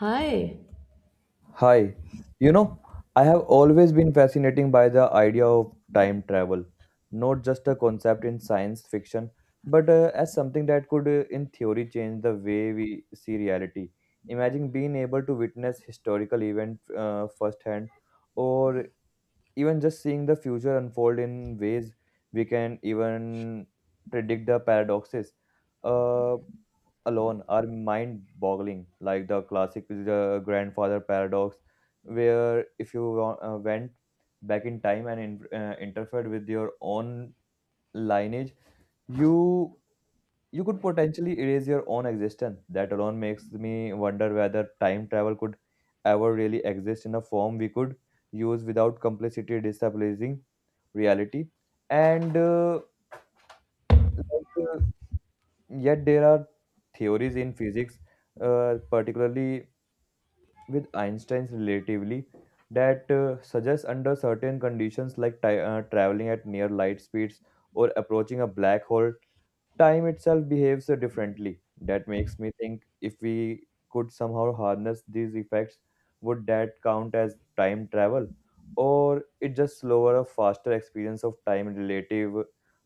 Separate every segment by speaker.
Speaker 1: Hi.
Speaker 2: Hi. You know, I have always been fascinated by the idea of time travel, not just a concept in science fiction, but as something that could, in theory, change the way we see reality. Imagine being able to witness historical events firsthand, or even just seeing the future unfold in ways we can even predict the paradoxes uh, alone are mind boggling, like the classic, the grandfather paradox, where if you went back in time and interfered with your own lineage, you you could potentially erase your own existence. That alone makes me wonder whether time travel could ever really exist in a form we could use without complicity destabilizing reality. And like, yet there are theories in physics, particularly with Einstein's relatively, that suggest under certain conditions, like traveling at near light speeds, or approaching a black hole, time itself behaves differently. That makes me think, if we could somehow harness these effects, would that count as time travel? Or it just slower or faster experience of time relative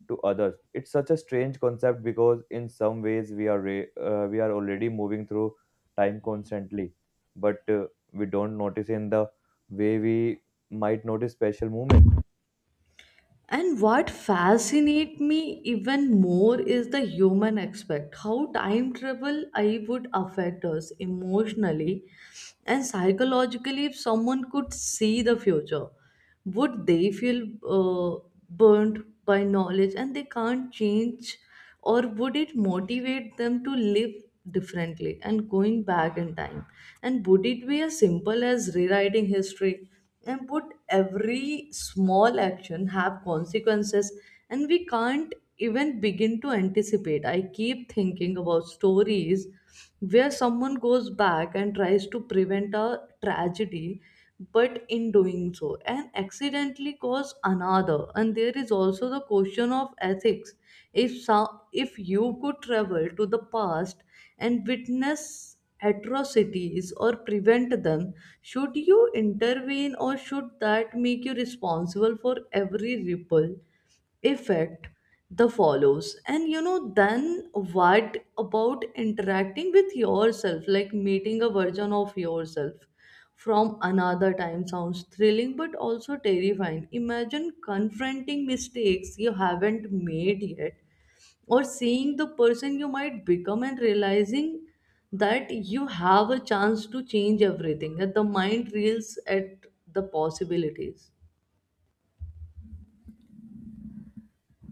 Speaker 2: to others? It's such a strange concept because in some ways we are already moving through time constantly, but we don't notice in the way we might notice special movement.
Speaker 1: And what fascinates me even more is the human aspect, how time travel I would affect us emotionally and psychologically if someone could see the future. Would they feel uh, burnt by knowledge and they can't change, or would it motivate them to live differently? And going back in time, and would it be as simple as rewriting history? And would every small action have consequences and we can't even begin to anticipate? I keep thinking about stories where someone goes back and tries to prevent a tragedy, but in doing so and accidentally cause another. And there is also the question of ethics. If so, if you could travel to the past and witness atrocities or prevent them, should you intervene, or should that make you responsible for every ripple effect the follows? And then what about interacting with yourself, like meeting a version of yourself from another time? Sounds thrilling but also terrifying. Imagine confronting mistakes you haven't made yet, or seeing the person you might become and realizing that you have a chance to change everything, that the mind reels at the possibilities.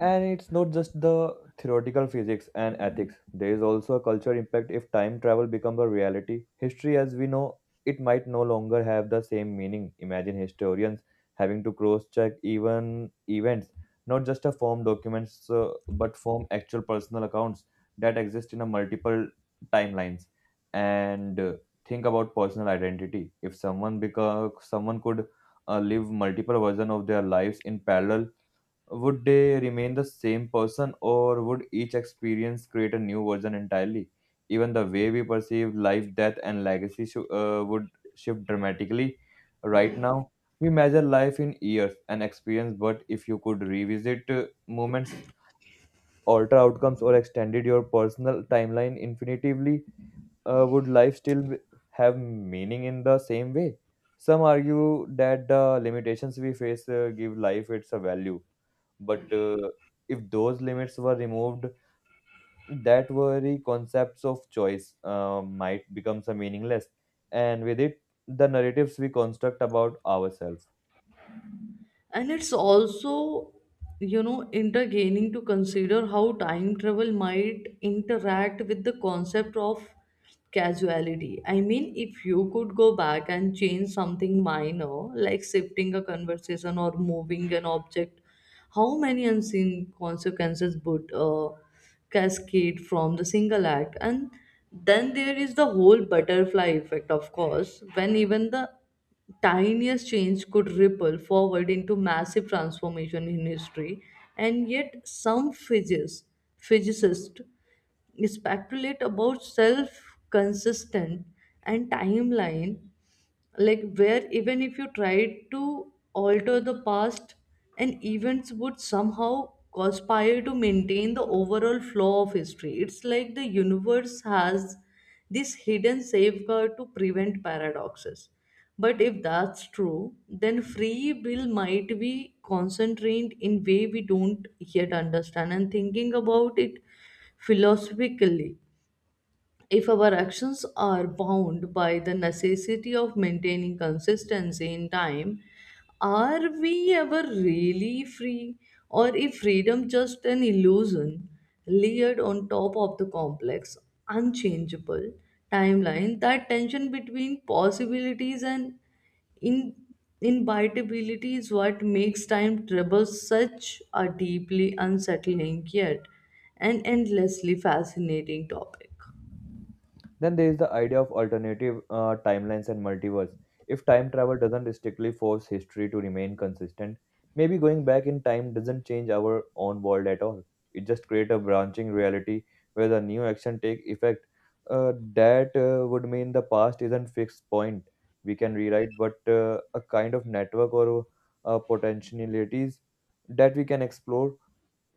Speaker 2: And it's not just the theoretical physics and ethics. There is also a cultural impact if time travel becomes a reality. History as we know it might no longer have the same meaning. Imagine historians having to cross-check even events, not just a form documents, but form actual personal accounts that exist in a multiple timelines. And think about personal identity. If someone could live multiple versions of their lives in parallel, would they remain the same person, or would each experience create a new version entirely? Even the way we perceive life, death, and legacy would shift dramatically. Right now, we measure life in years and experience, but if you could revisit moments, alter outcomes, or extended your personal timeline infinitively, would life still have meaning in the same way? Some argue that the limitations we face give life its a value, but if those limits were removed, that very concepts of choice might become some meaningless, and with it, the narratives we construct about ourselves.
Speaker 1: And it's also entertaining to consider how time travel might interact with the concept of casuality. I mean, if you could go back and change something minor, like shifting a conversation or moving an object, how many unseen consequences would cascade from the single act? And then there is the whole butterfly effect, of course, when even the tiniest change could ripple forward into massive transformation in history. And yet some physicists speculate about self-consistent and timeline, like where even if you tried to alter the past, and events would somehow conspire to maintain the overall flow of history. It's like the universe has this hidden safeguard to prevent paradoxes. But if that's true, then free will might be concentrated in way we don't yet understand. And thinking about it philosophically, if our actions are bound by the necessity of maintaining consistency in time, are we ever really free? Or is freedom just an illusion layered on top of the complex, unchangeable timeline? That tension between possibilities and in inevitability is what makes time travel such a deeply unsettling yet an endlessly fascinating topic.
Speaker 2: Then there is the idea of alternative timelines and multiverse. If time travel doesn't strictly force history to remain consistent, maybe going back in time doesn't change our own world at all. It just creates a branching reality where the new action take effect. That would mean the past isn't fixed point we can rewrite, but a kind of network or potentialities that we can explore.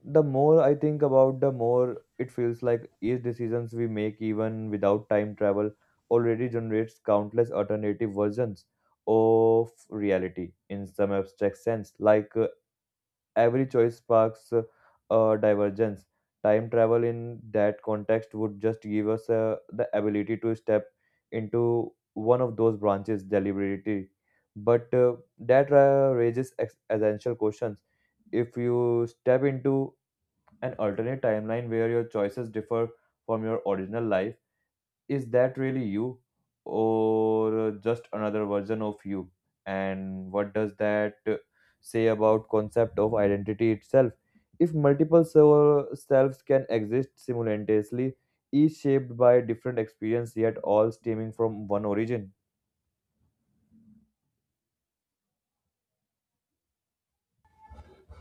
Speaker 2: The more I think about, the more it feels like each decisions we make, even without time travel, already generates countless alternative versions of reality in some abstract sense. Like every choice sparks a divergence. Time travel in that context would just give us the ability to step into one of those branches deliberately. But that raises essential questions. If you step into an alternate timeline where your choices differ from your original life, is that really you, or just another version of you? And what does that say about concept of identity itself, if multiple selves can exist simultaneously, each shaped by different experience yet all stemming from one origin?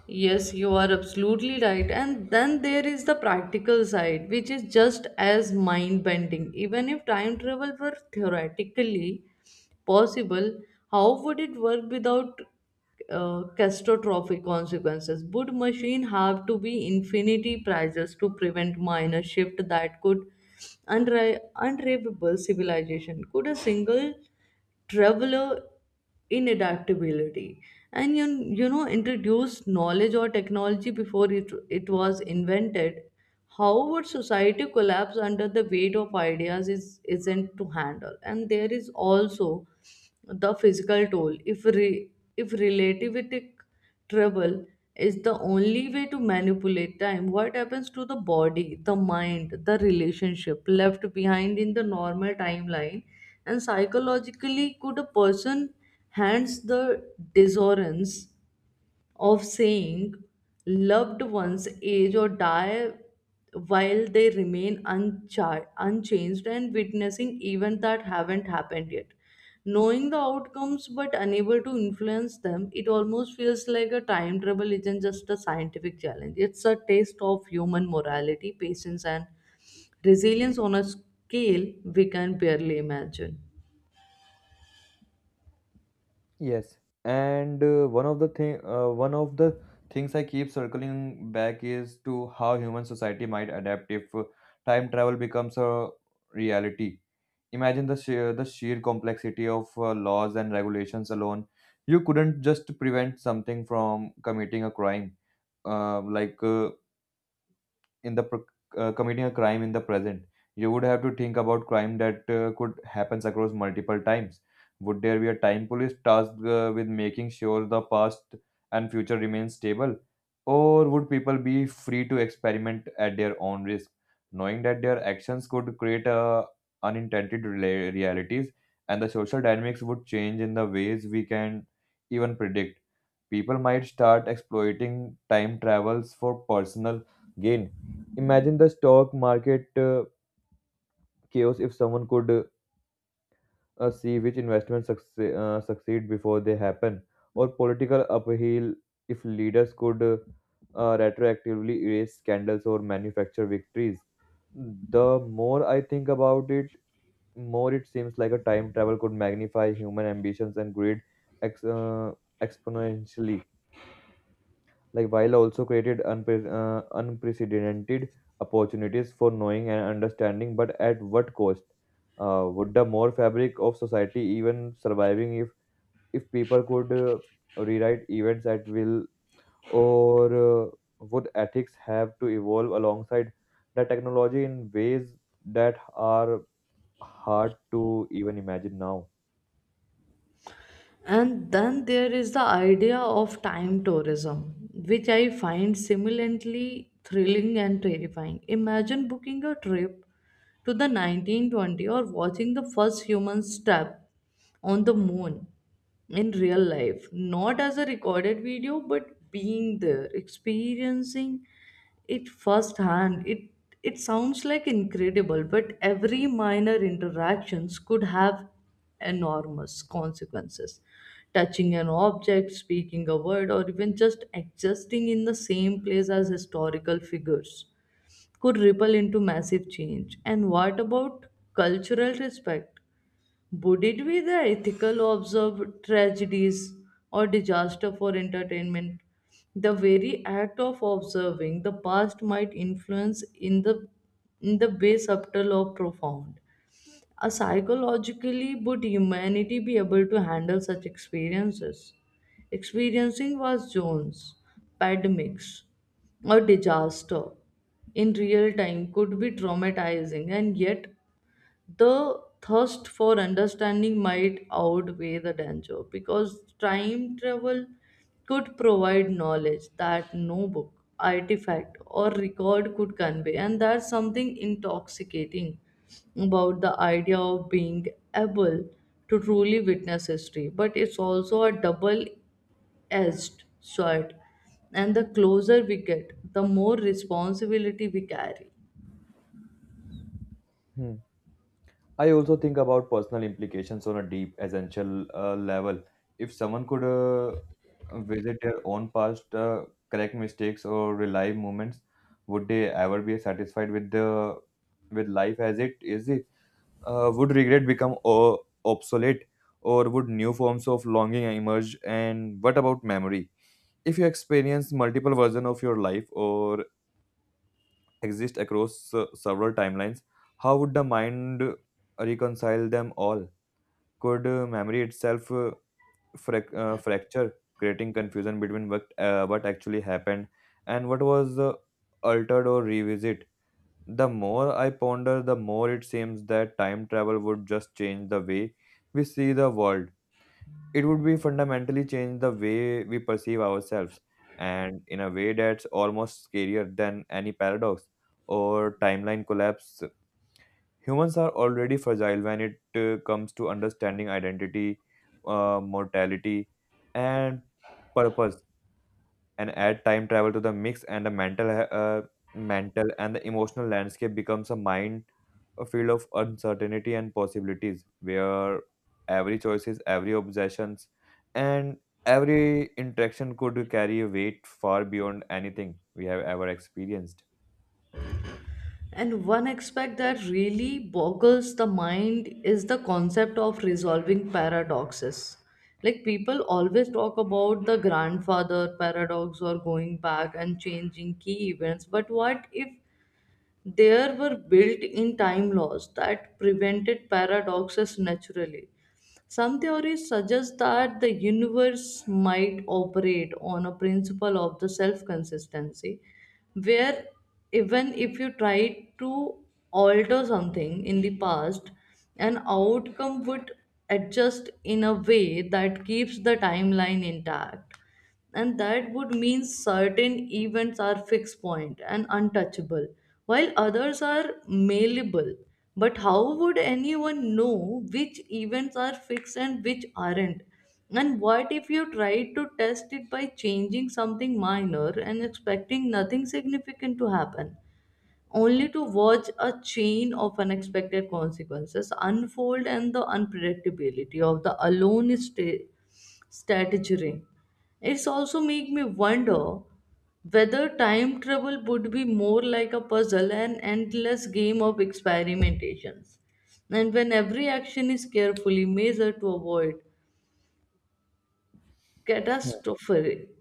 Speaker 1: Yes, you are absolutely right. And then there is the practical side, which is just as mind bending. Even if time travel were theoretically possible, how would it work without catastrophic consequences? Would machine have to be infinity prizes to prevent minor shift that could unraveable civilization? Could a single traveler inadaptability and introduce knowledge or technology before it was invented? How would society collapse under the weight of ideas is isn't to handle? And there is also the physical toll if if relativistic travel is the only way to manipulate time. What happens to the body, the mind, the relationship left behind in the normal timeline? And psychologically, could a person hands the disorders of seeing loved ones age or die while they remain unchanged, and witnessing events that haven't happened yet? Knowing the outcomes but unable to influence them, it almost feels like a time travel isn't just a scientific challenge. It's a taste of human morality, patience, and resilience on a scale we can barely imagine.
Speaker 2: Yes, and one of the things I keep circling back is to how human society might adapt if time travel becomes a reality. Imagine the sheer complexity of laws and regulations alone. You couldn't just prevent something from committing a crime, like. in the pro- committing a crime in the present. You would have to think about crime that could happens across multiple times. Would there be a time police tasked with making sure the past and future remain stable? Or would people be free to experiment at their own risk, knowing that their actions could create a unintended realities? And the social dynamics would change in the ways we can even predict. People might start exploiting time travels for personal gain. Imagine the stock market chaos if someone could see which investments succeed before they happen, or political upheaval if leaders could retroactively erase scandals or manufacture victories. The more I think about it, more it seems like a time travel could magnify human ambitions and greed ex- uh, exponentially, like while also created unprecedented opportunities for knowing and understanding. But at what cost, would the more fabric of society even surviving if people could rewrite events at will, or would ethics have to evolve alongside the technology in ways that are hard to even imagine now?
Speaker 1: And then there is the idea of time tourism, which I find similarly thrilling and terrifying. Imagine booking a trip to the 1920 or watching the first human step on the moon in real life, not as a recorded video, but being there, experiencing it firsthand. It sounds like incredible, but every minor interactions could have enormous consequences. Touching an object, speaking a word, or even just existing in the same place as historical figures could ripple into massive change. And what about cultural respect? Would it be the ethical to tragedies or disaster for entertainment? The very act of observing the past might influence in the way subtle or profound. Uh, psychologically, would humanity be able to handle such experiences? Experiencing was Jones, pandemics, or disaster in real time could be traumatizing, and yet the thirst for understanding might outweigh the danger, because time travel could provide knowledge that no book, artifact, or record could convey, and that's something intoxicating about the idea of being able to truly witness history. But it's also a double edged sword, and the closer we get, the more responsibility we carry.
Speaker 2: Hmm. I also think about personal implications on a deep, essential level. If someone could visit their own past, correct mistakes, or relive moments, would they ever be satisfied with the with life as it is? It would regret become obsolete, or would new forms of longing emerge? And what about memory? If you experience multiple versions of your life or exist across several timelines, how would the mind reconcile them all? Could memory itself fracture, creating confusion between what actually happened and what was altered or revisit? The more I ponder, the more it seems that time travel would just change the way we see the world. It would be fundamentally change the way we perceive ourselves, and in a way that's almost scarier than any paradox or timeline collapse. Humans are already fragile when it comes to understanding identity, mortality, and purpose. And add time travel to the mix, and the mental and the emotional landscape becomes a mind, a field of uncertainty and possibilities, where every choices, every obsessions, and every interaction could carry a weight far beyond anything we have ever experienced.
Speaker 1: And one aspect that really boggles the mind is the concept of resolving paradoxes. Like, people always talk about the grandfather paradox or going back and changing key events, but what if there were built in time laws that prevented paradoxes naturally? Some theories suggest that the universe might operate on a principle of the self consistency, where even if you try to alter something in the past, an outcome would adjust in a way that keeps the timeline intact. And that would mean certain events are fixed point and untouchable, while others are malleable. But how would anyone know which events are fixed and which aren't? And what if you tried to test it by changing something minor and expecting nothing significant to happen, only to watch a chain of unexpected consequences unfold? And the unpredictability of the alone is strategy. It's also make me wonder whether time travel would be more like a puzzle and endless game of experimentations. And when every action is carefully measured to avoid catastrophic,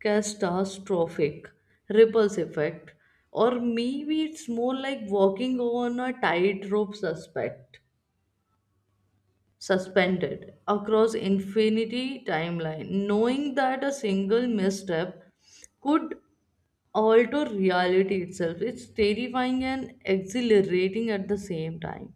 Speaker 1: catastrophic ripples effect, or maybe it's more like walking on a tightrope suspect suspended across infinity timeline, knowing that a single misstep could alter reality itself. It's terrifying and exhilarating at the same time.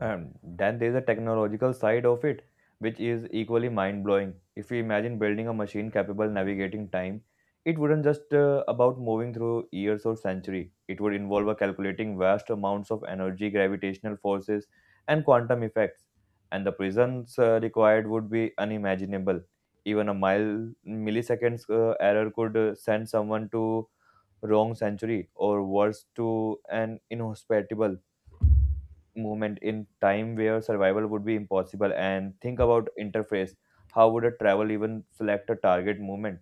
Speaker 2: And then there's a technological side of it, which is equally mind blowing. If we imagine building a machine capable navigating time, it wouldn't just about moving through years or century. It would involve a calculating vast amounts of energy, gravitational forces, and quantum effects. And the prisons required would be unimaginable. Even a mile milliseconds error could send someone to wrong century, or worse, to an inhospitable moment in time where survival would be impossible. And think about interface: how would a travel even select a target movement?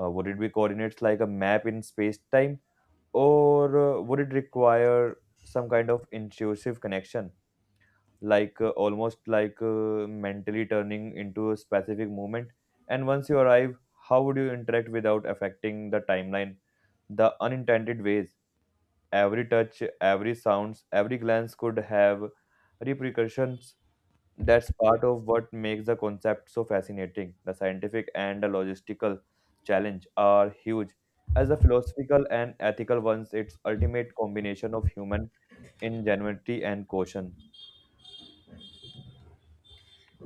Speaker 2: Would it be coordinates like a map in space time, or would it require some kind of intuitive connection, like almost like mentally turning into a specific movement? And once you arrive, how would you interact without affecting the timeline the unintended ways? Every touch, every sounds, every glance could have repercussions. That's part of what makes the concept so fascinating. The scientific and the logistical challenge are huge, as the philosophical and ethical ones. It's ultimate combination of human ingenuity and caution.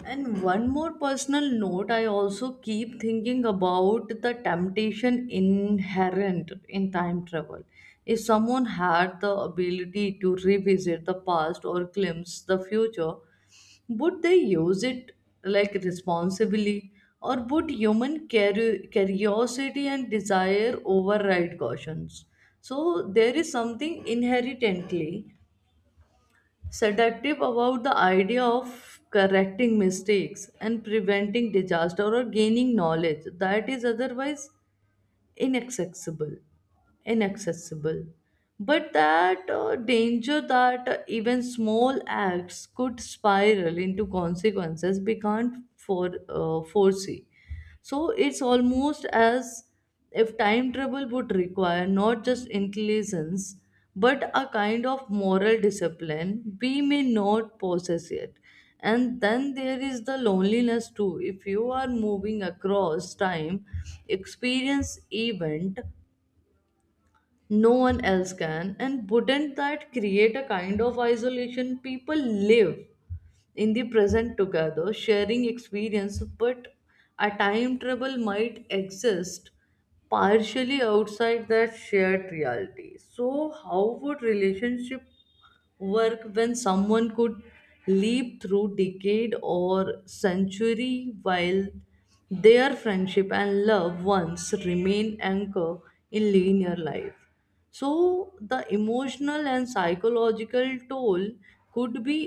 Speaker 1: And one more personal note, I also keep thinking about the temptation inherent in time travel. If someone had the ability to revisit the past or glimpse the future, would they use it like responsibly? Or would human curiosity and desire override cautions? So there is something inherently seductive about the idea of correcting mistakes and preventing disaster or gaining knowledge that is otherwise inaccessible inaccessible. But that danger that even small acts could spiral into consequences we can't foresee. So it's almost as if time travel would require not just intelligence, but a kind of moral discipline we may not possess yet. And then there is the loneliness too. If you are moving across time, experience event no one else can, and wouldn't that create a kind of isolation? People live in the present together sharing experience, but a time travel might exist partially outside that shared reality. So how would relationship work when someone could leap through decade or century, while their friendship and love once remain anchor in linear life? So the emotional and psychological toll could be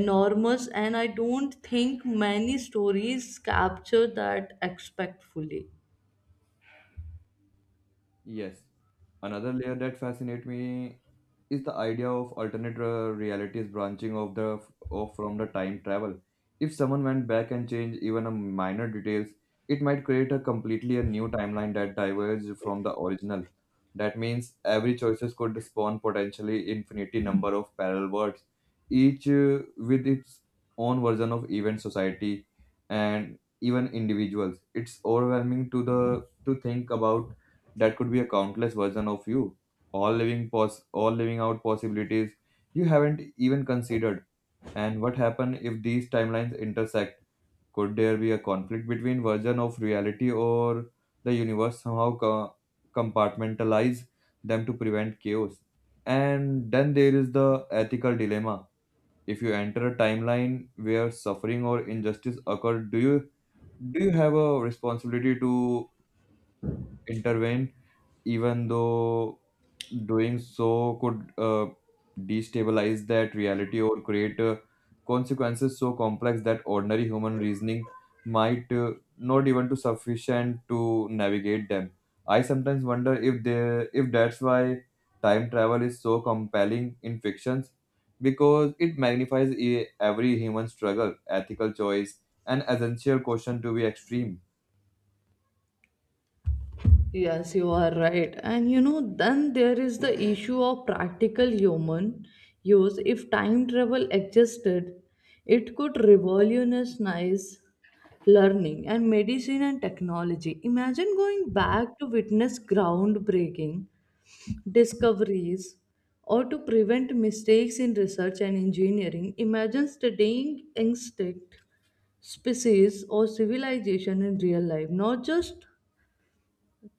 Speaker 1: enormous, and I don't think many stories capture that aspect fully.
Speaker 2: Yes. Another layer that fascinates me is the idea of alternate realities branching of the off from the time travel. If someone went back and changed even a minor details, it might create a completely a new timeline that diverges from the original. That means every choices could spawn potentially infinity number of parallel worlds, each with its own version of event society and even individuals. It's overwhelming to think about that could be a countless version of you, all living out possibilities you haven't even considered. And what happen if these timelines intersect? Could there be a conflict between version of reality, or the universe somehow compartmentalize them to prevent chaos? And then there is the ethical dilemma. If you enter a timeline where suffering or injustice occurred, do you have a responsibility to intervene, even though doing so could destabilize that reality or create consequences so complex that ordinary human reasoning might not even to sufficient to navigate them? I sometimes wonder if that's why time travel is so compelling in fictions, because it magnifies every human struggle, ethical choice, and essential question to be extreme.
Speaker 1: Yes, you are right. And then there is the issue of practical human use. If time travel existed, it could revolutionize learning and medicine and technology. Imagine going back to witness groundbreaking discoveries, or to prevent mistakes in research and engineering. Imagine studying insect, species, or civilization in real life, not just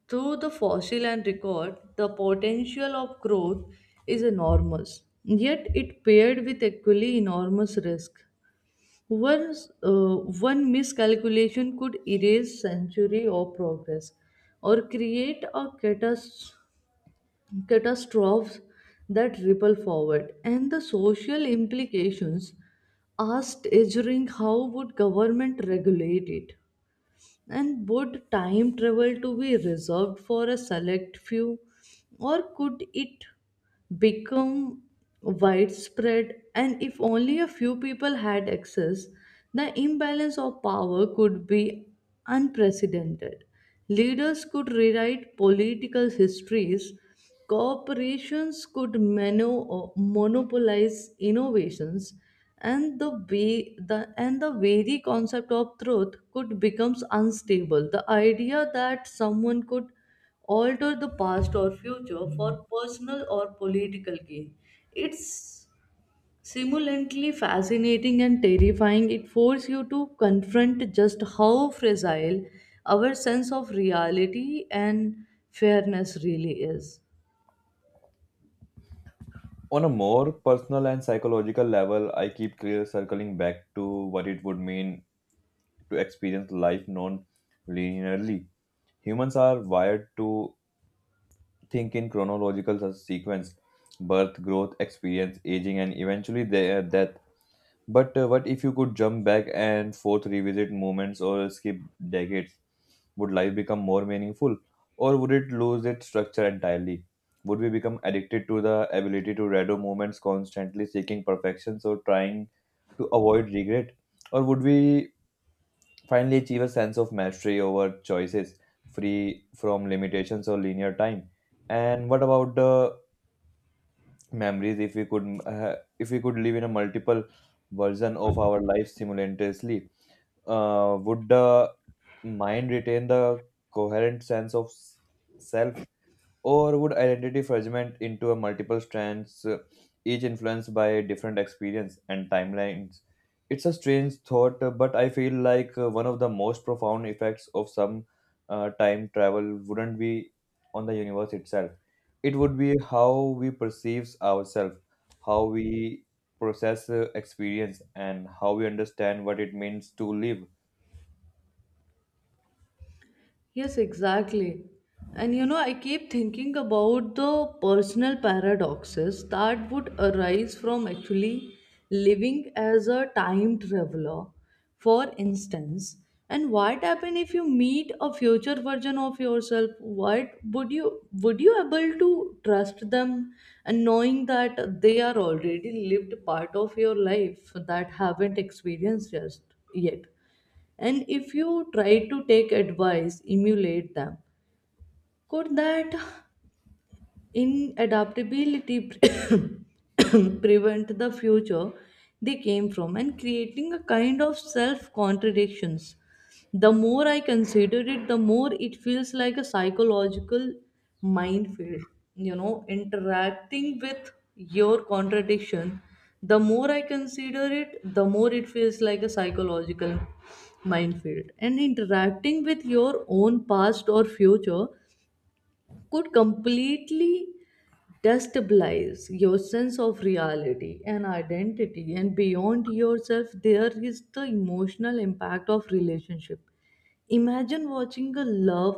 Speaker 1: through the fossil and record. The potential of growth is enormous, yet it paired with equally enormous risk. One's, uh, one miscalculation could erase century of progress or create a catastrophe that ripple forward. And the social implications are staggering. How would government regulate it? And would time travel to be reserved for a select few, or could it become widespread? And if only a few people had access, the imbalance of power could be unprecedented. Leaders could rewrite political histories. Corporations could monopolize innovations, and the way the and the very concept of truth could becomes unstable. The idea that someone could alter the past or future for personal or political gain. It's simultaneously fascinating and terrifying. It forces you to confront just how fragile our sense of reality and fairness really is.
Speaker 2: On a more personal and psychological level, I keep clear circling back to what it would mean to experience life non linearly. Humans are wired to think in chronological sequence: birth, growth, experience, aging, and eventually their death. But what if you could jump back and forth, revisit moments, or skip decades? Would life become more meaningful, or would it lose its structure entirely? Would we become addicted to the ability to redo moments, constantly seeking perfections or trying to avoid regret? Or would we finally achieve a sense of mastery over choices, free from limitations or linear time? And what about the memories if we could live in a multiple version of our life simultaneously, would the mind retain the coherent sense of self, or would identity fragment into a multiple strands, each influenced by different experience and timelines? It's a strange thought, but I feel like one of the most profound effects of some time travel wouldn't be on the universe itself. It would be how we perceive ourselves, how we process experience, and how we understand what it means to live.
Speaker 1: Yes, exactly. And you know, I keep thinking about the personal paradoxes that would arise from actually living as a time traveler. For instance, and what happen if you meet a future version of yourself? What would you able to trust them, and knowing that they are already lived part of your life that haven't experienced just yet? And if you try to take advice, emulate them, could that inadaptability prevent the future they came from and creating a kind of self contradictions? The more I consider it, the more it feels like a psychological minefield. Interacting with your contradiction, the more I consider it, the more it feels like a psychological minefield, and interacting with your own past or future could completely destabilize your sense of reality and identity. And beyond yourself, there is the emotional impact of relationship. Imagine watching a love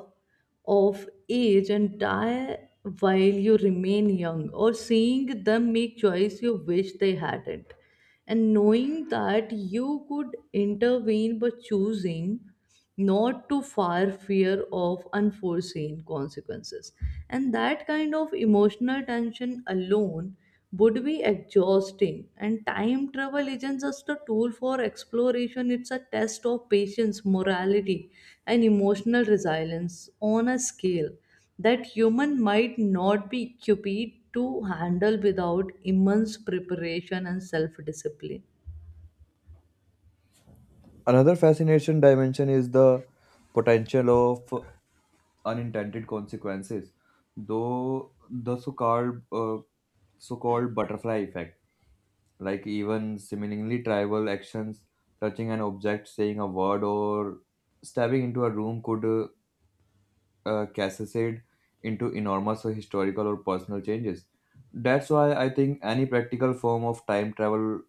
Speaker 1: of age and die while you remain young, or seeing them make choice you wish they hadn't, and knowing that you could intervene but choosing not to far fear of unforeseen consequences. And that kind of emotional tension alone would be exhausting. And time travel isn't just a tool for exploration, it's a test of patience, morality, and emotional resilience on a scale that human might not be equipped to handle without immense preparation and self discipline.
Speaker 2: Another fascination dimension is the potential of unintended consequences, though the so-called butterfly effect, like even seemingly trivial actions, touching an object, saying a word, or stepping into a room could cascade into enormous or historical or personal changes. That's why I think any practical form of time travel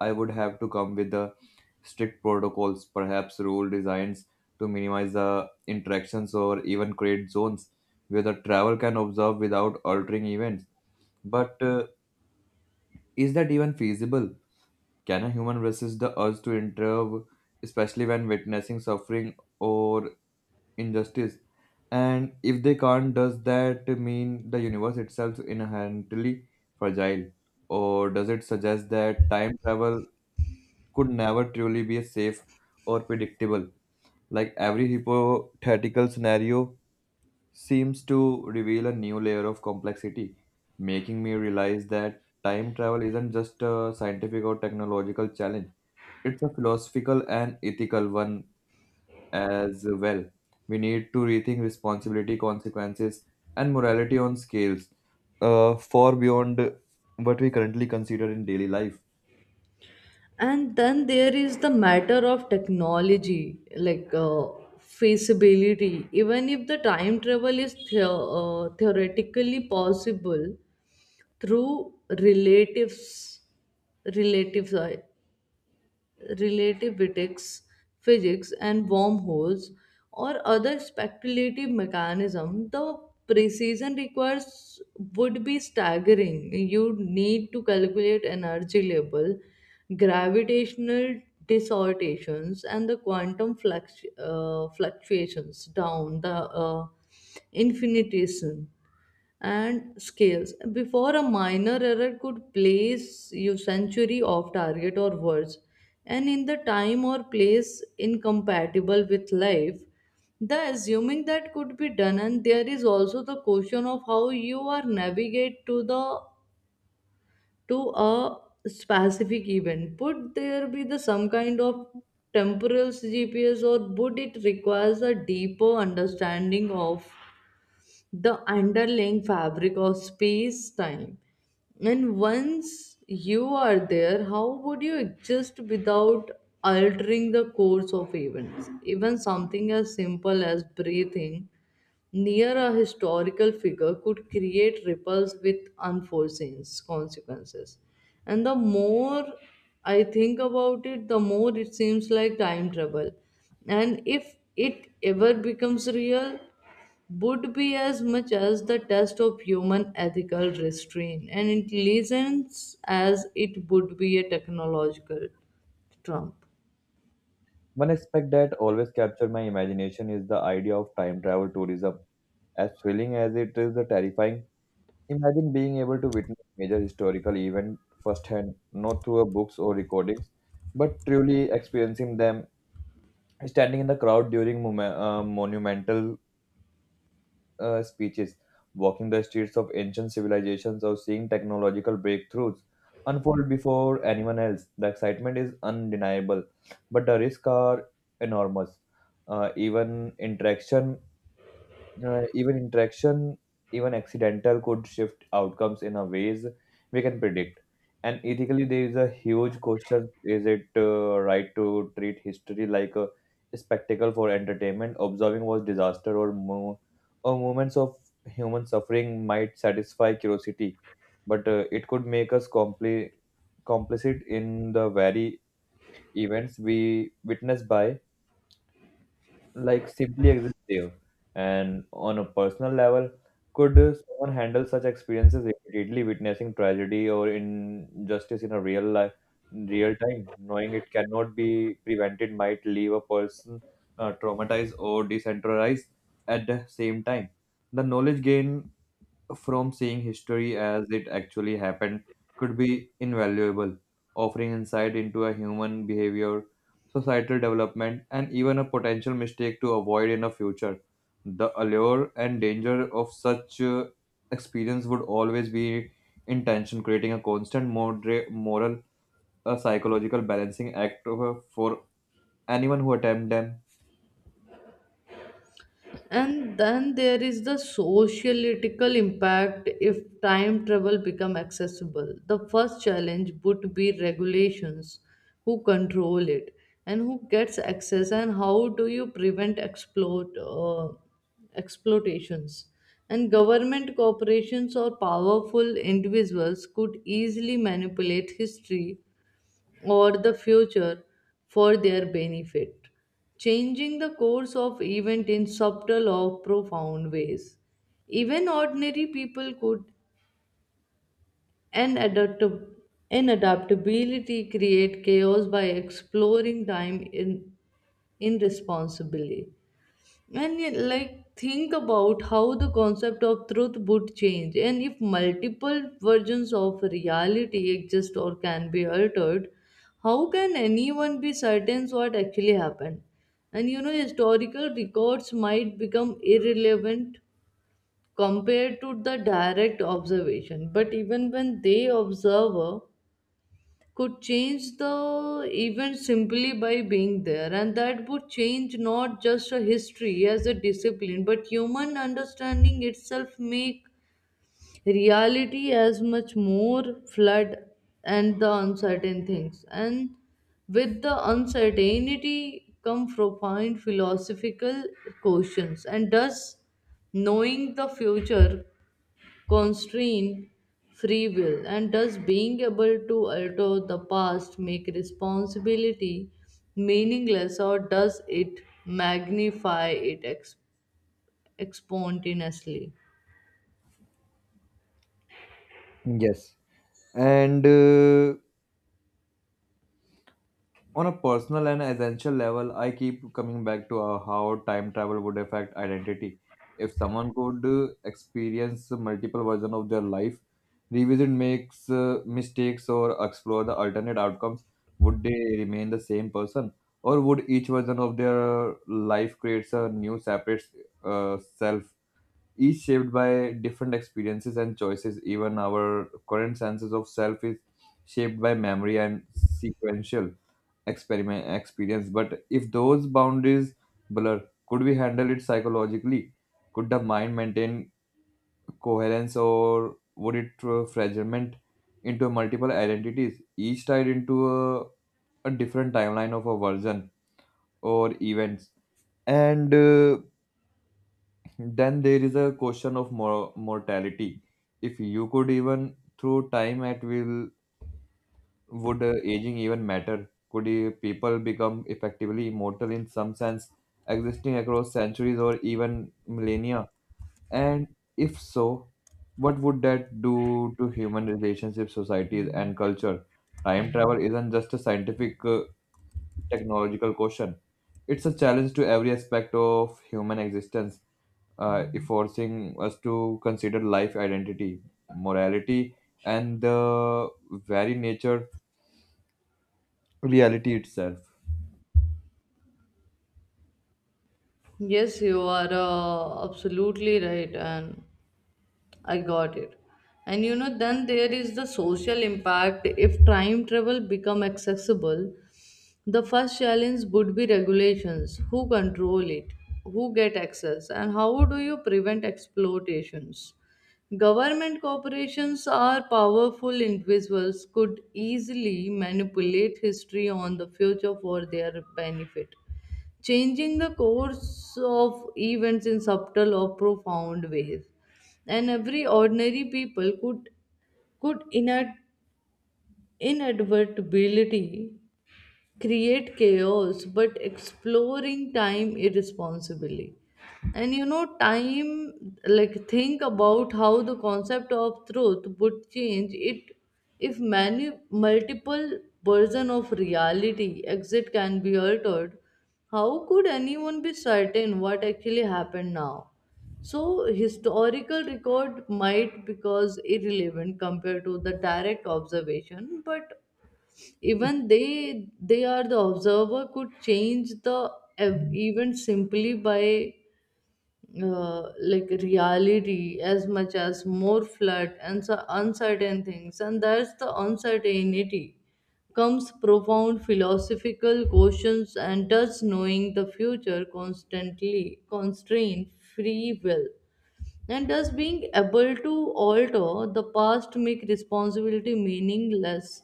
Speaker 2: I would have to come with the strict protocols, perhaps rule designs to minimize the interactions or even create zones where the traveler can observe without altering events. But is that even feasible? Can a human resist the urge to intervene, especially when witnessing suffering or injustice? And if they can't, does that mean the universe itself is inherently fragile? Or does it suggest that time travel could never truly be safe or predictable? Like every hypothetical scenario seems to reveal a new layer of complexity, making me realize that time travel isn't just a scientific or technological challenge, it's a philosophical and ethical one as well. We need to rethink responsibility, consequences, and morality on scales far beyond what we currently consider in daily life.
Speaker 1: And then there is the matter of technology, like feasibility. Even if the time travel is theoretically possible through relatives relatives relativistics physics and wormholes or other speculative mechanism, the precision requires would be staggering. You need to calculate energy level, gravitational distortions, and the quantum fluctuations down the uh, infinitesimal and scales. Before a minor error could place you century off target or worse, and in the time or place incompatible with life, the assuming that could be done. And there is also the question of how you are navigate to a specific event. Would there be the some kind of temporal GPS, or would it requires a deeper understanding of the underlying fabric of space time? And once you are there, how would you exist without altering the course of events? Even something as simple as breathing near a historical figure could create ripples with unforeseen consequences. And the more I think about it, the more it seems like time travel. And if it ever becomes real, would be as much as the test of human ethical restraint and intelligence as it would be a technological trump.
Speaker 2: One aspect that always captured my imagination is the idea of time travel tourism. As thrilling as it is the terrifying, imagine being able to witness major historical event firsthand, not through a books or recordings, but truly experiencing them, standing in the crowd during monumental speeches, walking the streets of ancient civilizations, or seeing technological breakthroughs unfold before anyone else. The excitement is undeniable, but the risks are enormous. Uh, even interaction Even interaction, even accidental, could shift outcomes in a ways we can predict. And ethically, there is a huge question: is it right to treat history like a spectacle for entertainment? Observing was disaster, or or moments of human suffering might satisfy curiosity, but it could make us complicit in the very events we witness by like simply exist there. And on a personal level, could someone handle such experiences immediately, witnessing tragedy or injustice in a real life, real time, knowing it cannot be prevented, might leave a person traumatized or decentralized at the same time. The knowledge gained from seeing history as it actually happened could be invaluable, offering insight into a human behavior, societal development, and even a potential mistake to avoid in the future. The allure and danger of such experience would always be in tension, creating a constant moral, a psychological balancing act for anyone who attempt them.
Speaker 1: And then there is the sociological impact. If time travel become accessible, the first challenge would be regulations. Who control it, and who gets access, and how do you prevent exploitations? And government corporations or powerful individuals could easily manipulate history or the future for their benefit, changing the course of event in subtle or profound ways. Even ordinary people could and adapt and adaptability create chaos by exploring time in irresponsibly. And yet, like, think about how the concept of truth would change. And if multiple versions of reality exist or can be altered, how can anyone be certain what actually happened? And you know, historical records might become irrelevant compared to the direct observation, but even when they observe could change the event simply by being there. And that would change not just a history as a discipline but human understanding itself, make reality as much more flood and the uncertain things. And with the uncertainty come profound philosophical questions. And thus knowing the future constrain free will, and does being able to alter the past make responsibility meaningless, or does it magnify it exponentiously?
Speaker 2: Yes. And on a personal and essential level, I keep coming back to how time travel would affect identity. If someone could experience multiple versions of their life, revisit makes mistakes or explore the alternate outcomes, would they remain the same person? Or would each version of their life creates a new separate self, each shaped by different experiences and choices? Even our current senses of self is shaped by memory and sequential experiment experience, but if those boundaries blur, could we handle it psychologically? Could the mind maintain coherence, or would it fragment into multiple identities, each tied into a different timeline of a version or events? And then there is a question of mortality. If you could even through time at will, would aging even matter? Could people become effectively immortal in some sense, existing across centuries or even millennia? And if so, what would that do to human relationships, societies, and culture? Time travel isn't just a scientific, technological question. It's a challenge to every aspect of human existence, forcing us to consider life identity, morality, and the very nature reality itself.
Speaker 1: Yes, you are absolutely right, and I got it. And you know, then there is the social impact. If time travel become accessible, the first challenge would be regulations. Who control it? Who get access? And how do you prevent exploitations? Government corporations are powerful individuals could easily manipulate history on the future for their benefit, changing the course of events in subtle or profound ways. And every ordinary people could could inad- inadvertently create chaos but exploring time irresponsibly. And you know, time like think about how the concept of truth would change it. If many multiple version of reality exit can be altered, how could anyone be certain what actually happened now? So historical record might because irrelevant compared to the direct observation. But even they are the observer could change the event simply by like reality as much as more flood and so uncertain things. And that's the uncertainty comes profound philosophical questions. And does knowing the future constantly constrain free will, and does being able to alter the past make responsibility meaningless,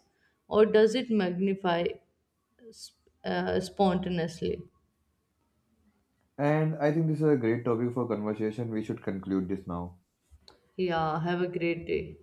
Speaker 1: or does it magnify spontaneously?
Speaker 2: And I think this is a great topic for conversation. We should conclude this now.
Speaker 1: Yeah, have a great day.